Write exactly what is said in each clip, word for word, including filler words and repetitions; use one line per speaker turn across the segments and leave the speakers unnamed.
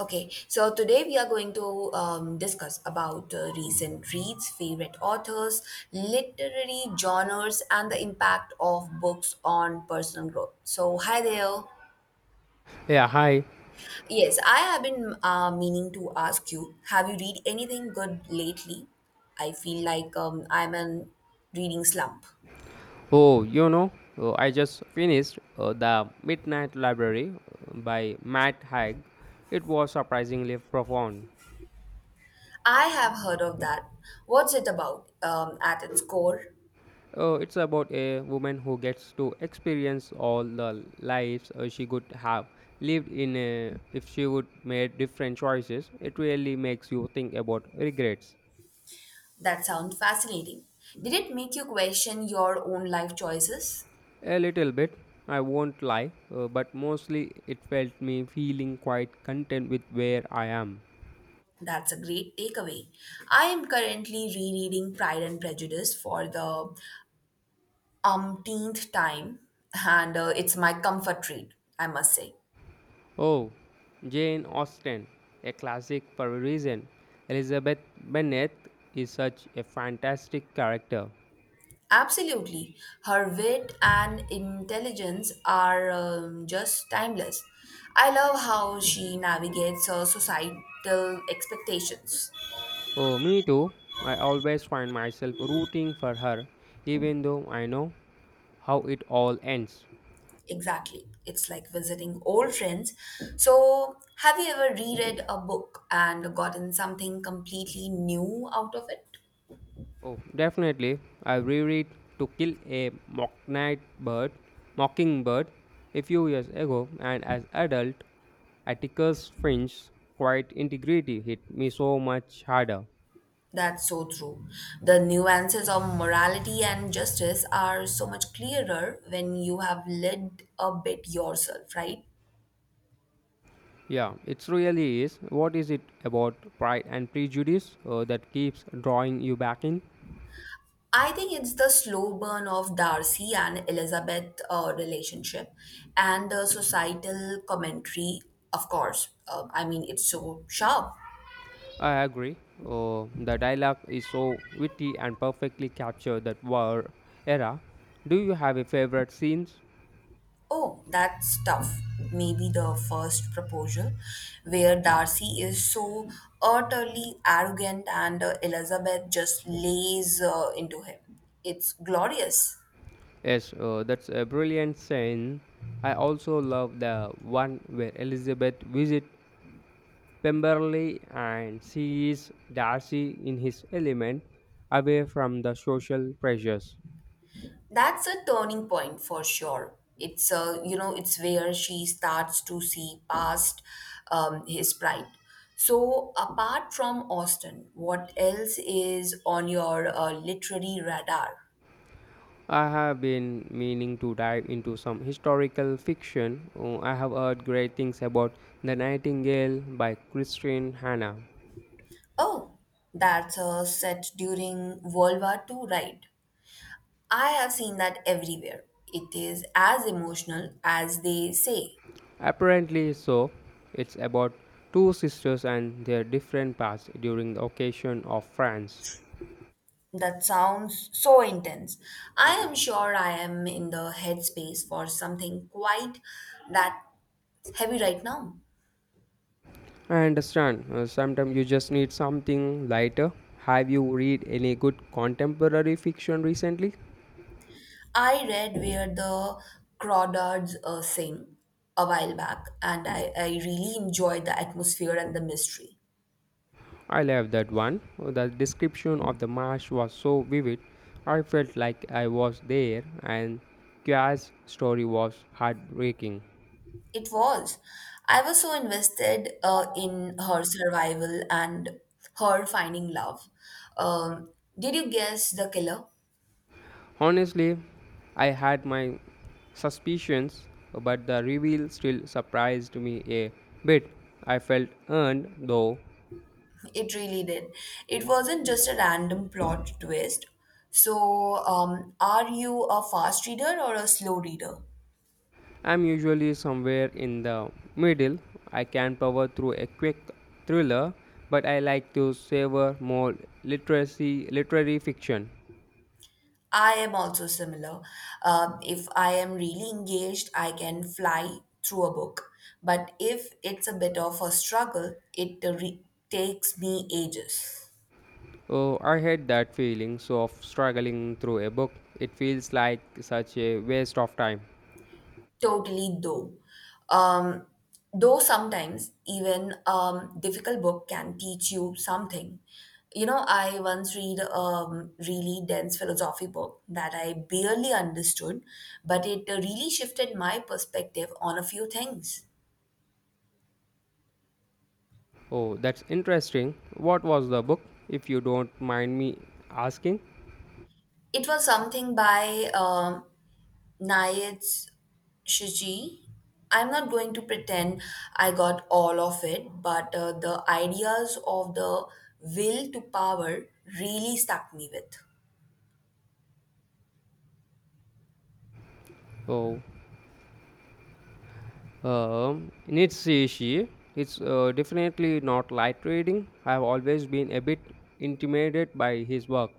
Okay, so today we are going to um, discuss about uh, recent reads, favorite authors, literary genres, and the impact of books on personal growth. So, hi there.
Yeah, hi.
Yes, I have been uh, meaning to ask you, have you read anything good lately? I feel like um, I'm in reading slump.
Oh, you know, uh, I just finished uh, The Midnight Library uh, by Matt Haig. It was surprisingly profound.
I have heard of that. What's it about um, at its core?
Uh, it's about a woman who gets to experience all the lives uh, she could have lived in uh, if she would made different choices. It really makes you think about regrets
That sounds fascinating. Did it make you question your own life choices?
a little bit. I won't lie, uh, but mostly it felt me feeling quite content with where I am.
That's a great takeaway. I am currently rereading Pride and Prejudice for the umpteenth time, and uh, it's my comfort read, I must say.
Oh, Jane Austen, a classic Parisian. Elizabeth Bennet is such a fantastic character.
Absolutely. Her wit and intelligence are um, just timeless. I love how she navigates her societal expectations.
Oh, me too. I always find myself rooting for her, even though I know how it all ends.
Exactly. It's like visiting old friends. So, have you ever reread a book and gotten something completely new out of it?
Oh, definitely. I reread To Kill a Mockingbird, Bird, Mockingbird a few years ago, and as adult, Atticus Finch's quiet integrity hit me so much harder.
That's so true. The nuances of morality and justice are so much clearer when you have lived a bit yourself, right?
Yeah, it's really is. What is it about Pride and Prejudice uh, that keeps drawing you back in?
I think it's the slow burn of Darcy and Elizabeth uh, relationship and the societal commentary, of course. Uh, I mean, it's so sharp.
I agree. Uh, the dialogue is so witty and perfectly captured that war era. Do you have a favorite scenes?
Oh, that's tough. Maybe the first proposal, where Darcy is so utterly arrogant and uh, Elizabeth just lays uh, into him. It's glorious.
Yes, uh, that's a brilliant scene. I also love the one where Elizabeth visits Pemberley and sees Darcy in his element, away from the social pressures.
That's a turning point for sure. It's uh, you know, it's where she starts to see past um, his pride. So, apart from Austin, what else is on your uh, literary radar?
I have been meaning to dive into some historical fiction. Oh, I have heard great things about The Nightingale by Christine Hanna.
Oh, that's a set during World War Two, right? I have seen that everywhere. It is as emotional as they say.
Apparently, so it's about two sisters and their different paths during the occasion of France.
That sounds so intense. I am sure I am in the headspace for something quite that heavy right now.
I understand. Uh, sometimes you just need something lighter. Have you read any good contemporary fiction recently?
I read where the crawdads uh, sing a while back, and I, I really enjoyed the atmosphere and the mystery.
I love that one. The description of the marsh was so vivid. I felt like I was there, and Kya's story was heartbreaking.
It was. I was so invested uh, in her survival and her finding love. Um, did you guess the killer?
Honestly, I had my suspicions, but the reveal still surprised me a bit. I felt earned, though.
It really did. It wasn't just a random plot twist. So, um, are you a fast reader or a slow reader?
I'm usually somewhere in the middle. I can power through a quick thriller, but I like to savor more literacy, literary fiction.
I am also similar. Um, if I am really engaged, I can fly through a book. But if it's a bit of a struggle, it uh, re- takes me ages.
Oh, I had that feeling so of struggling through a book. It feels like such a waste of time.
Totally, though. Um, though sometimes even um, difficult book can teach you something. You know, I once read um, really dense philosophy book that I barely understood, but it really shifted my perspective on a few things.
Oh, that's interesting. What was the book, if you don't mind me asking?
It was something by um Nayet's Shiji. I'm not going to pretend I got all of it, but uh, the ideas of the will to power really stuck me with.
Oh, um, Nietzsche. It's uh, definitely not light reading. I've always been a bit intimidated by his work.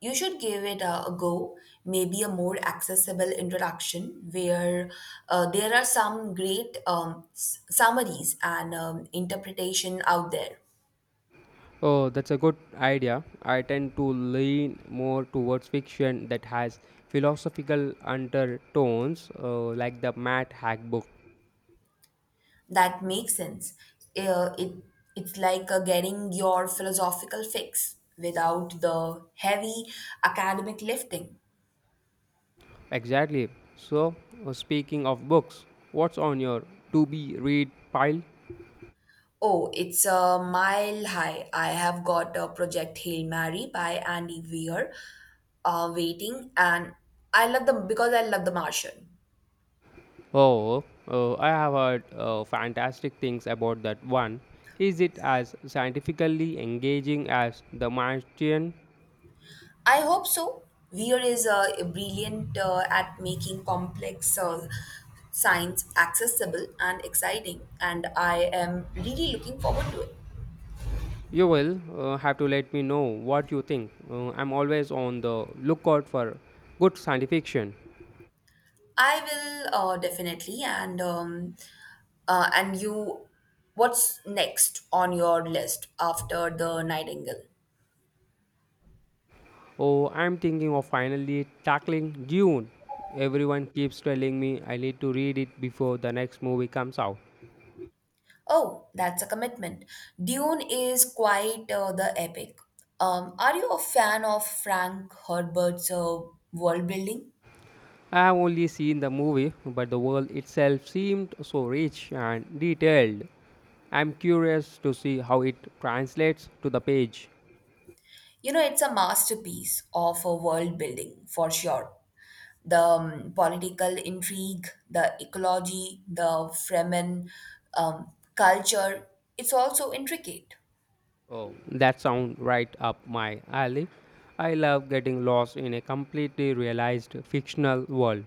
You should give it a, a go, maybe a more accessible introduction where uh, there are some great um, s- summaries and um, interpretation out there.
Oh, that's a good idea. I tend to lean more towards fiction that has philosophical undertones, uh, like the Matt Hack book.
That makes sense. Uh, it it's like uh, getting your philosophical fix without the heavy academic lifting.
Exactly. So, uh, speaking of books, what's on your to be read pile?
Oh, it's a mile high. I have got a project Hail Mary by Andy Weir uh, waiting, and I love them because I love the Martian.
Oh, uh, I have heard uh, fantastic things about that one. Is it as scientifically engaging as The Martian?
I hope so. Weir is uh, brilliant uh, at making complex uh, science accessible and exciting, and I am really looking forward to it.
You will uh, have to let me know what you think. Uh, I'm always on the lookout for good science fiction.
I will uh, definitely. And um, uh, and you, what's next on your list after the Nightingale?
Oh, I'm thinking of finally tackling Dune. Everyone keeps telling me I need to read it before the next movie comes out.
Oh, that's a commitment. Dune is quite uh, the epic. Um, are you a fan of Frank Herbert's uh, world building?
I've only seen the movie, but the world itself seemed so rich and detailed. I'm curious to see how it translates to the page.
You know, it's a masterpiece of a world building for sure. The um, political intrigue, the ecology, the Fremen um, culture, it's also intricate.
Oh, that sounds right up my alley. I love getting lost in a completely realized fictional world.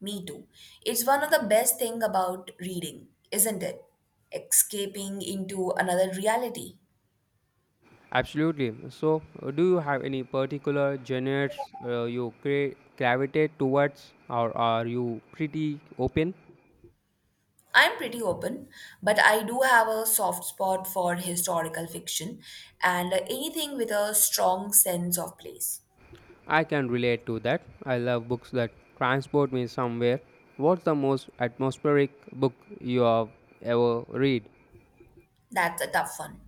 Me too. It's one of the best thing about reading, isn't it? Escaping into another reality.
Absolutely. So, uh, do you have any particular genres uh, you cra- gravitate towards, or are you pretty open?
I'm pretty open, but I do have a soft spot for historical fiction and anything with a strong sense of place.
I can relate to that. I love books that transport me somewhere. What's the most atmospheric book you have ever read?
That's a tough one.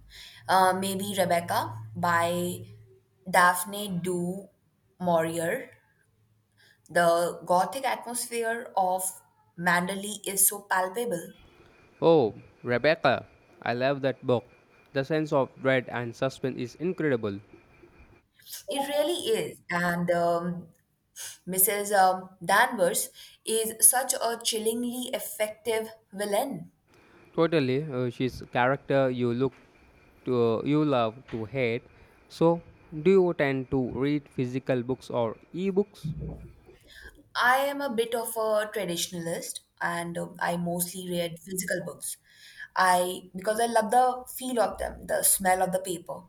Uh, maybe Rebecca by Daphne du Maurier. The gothic atmosphere of Manderley is so palpable.
Oh, Rebecca. I love that book. The sense of dread and suspense is incredible.
It really is. And um, Missus um, Danvers is such a chillingly effective villain.
Totally, uh, she's a character you look to, you love to hate. So, do you tend to read physical books or e-books?
I am a bit of a traditionalist and um, I mostly read physical books. I because I love the feel of them, the smell of the paper.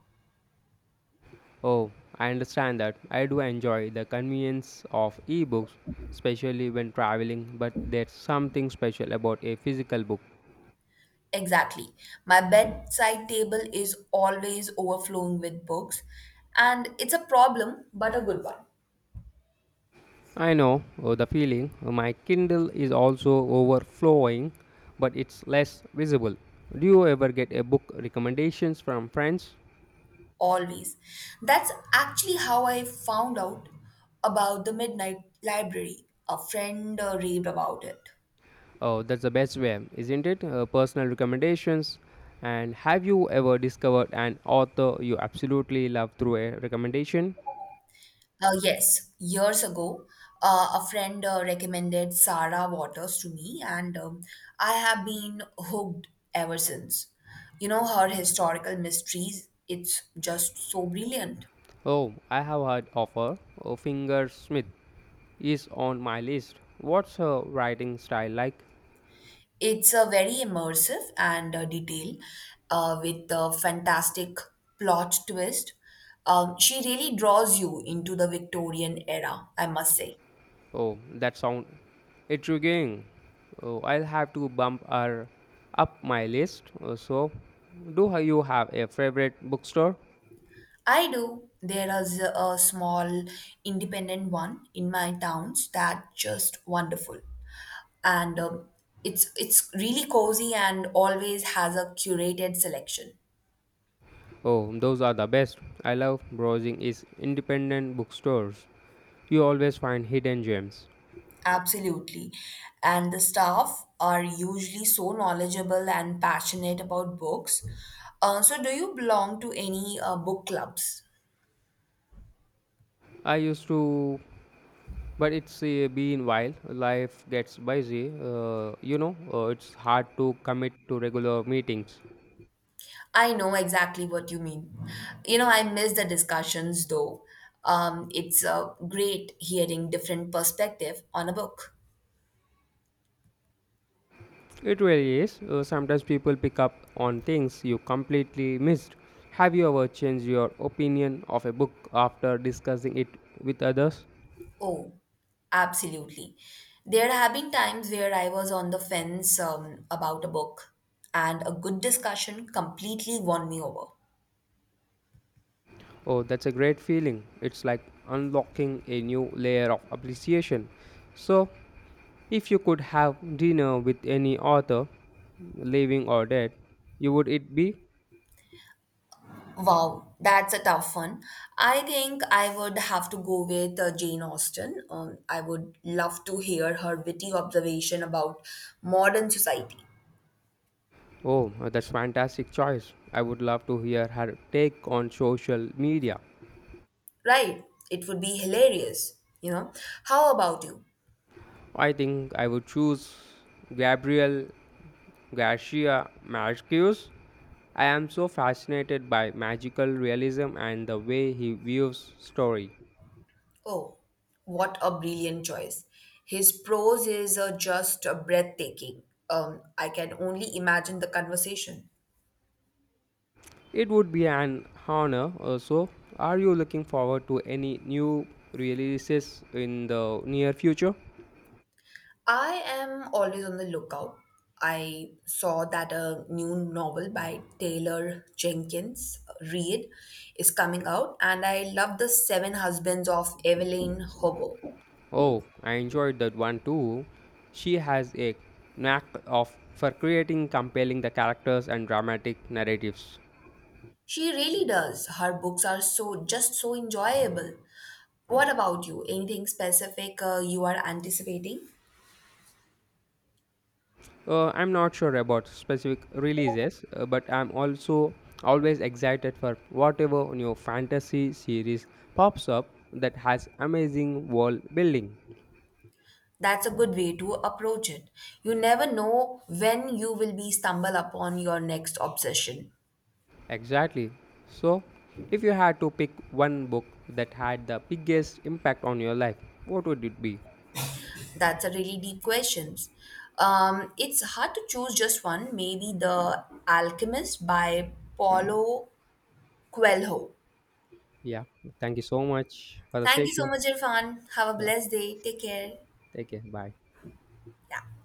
Oh, I understand that. I do enjoy the convenience of ebooks, especially when traveling, but there's something special about a physical book.
Exactly. My bedside table is always overflowing with books and it's a problem but a good one.
I know oh, the feeling. My Kindle is also overflowing, but it's less visible. Do you ever get a book recommendations from friends?
Always. That's actually how I found out about the Midnight Library. A friend uh, raved about it.
Oh, that's the best way, isn't it? Uh, personal recommendations. And have you ever discovered an author you absolutely love through a recommendation?
Uh, yes, years ago, uh, a friend uh, recommended Sarah Waters to me, and um, I have been hooked ever since. You know, her historical mysteries, it's just so brilliant.
Oh, I have heard of her. Oh, Fingersmith is on my list. What's her writing style like?
It's a very immersive and uh, detailed, uh, with a fantastic plot twist. Um, she really draws you into the Victorian era, I must say.
Oh, that sounds intriguing. Oh, I'll have to bump her up my list. Oh, so, do ha- you have a favorite bookstore?
I do. There is a a small independent one in my towns that just wonderful, and um, it's it's really cozy and always has a curated selection.
Oh, those are the best. I love browsing is independent bookstores. You always find hidden gems.
Absolutely. And the staff are usually so knowledgeable and passionate about books. Uh, so, do you belong to any uh, book clubs?
I used to. But it's uh, been while. Life gets busy. Uh, you know, uh, it's hard to commit to regular meetings.
I know exactly what you mean. You know, I miss the discussions though. Um, it's uh, great hearing different perspective on a book.
It really is. Uh, sometimes people pick up on things you completely missed. Have you ever changed your opinion of a book after discussing it with others?
Oh, absolutely. There have been times where I was on the fence um, about a book, and a good discussion completely won me over.
Oh, that's a great feeling. It's like unlocking a new layer of appreciation. So, if you could have dinner with any author, living or dead, you would it be?
Wow, that's a tough one. I think I would have to go with uh, Jane Austen. Um, I would love to hear her witty observation about modern society.
Oh, that's fantastic choice. I would love to hear her take on social media.
Right, it would be hilarious, you know. How about you?
I think I would choose Gabriel Garcia Marquez. I am so fascinated by magical realism and the way he views story.
Oh, what a brilliant choice. His prose is uh, just uh, breathtaking. Um, I can only imagine the conversation.
It would be an honor also. Are you looking forward to any new releases in the near future?
I am always on the lookout. I saw that a new novel by Taylor Jenkins Reid is coming out, and I love The Seven Husbands of Evelyn Hugo.
Oh, I enjoyed that one too. She has a knack of for creating compelling the characters and dramatic narratives.
She really does. Her books are so just so enjoyable. What about you? Anything specific uh, you are anticipating?
Uh, I'm not sure about specific releases, uh, but I'm also always excited for whatever new fantasy series pops up that has amazing world building.
That's a good way to approach it. You never know when you will be stumble upon your next obsession.
Exactly. So, if you had to pick one book that had the biggest impact on your life, what would it be?
That's a really deep question. Um, it's hard to choose just one. Maybe The Alchemist by Paulo Coelho.
Yeah, thank you so much for the
Thank you so
session.
much, Irfan. Have a
Yeah.
blessed day. Take care.
Take care. Bye.
Yeah.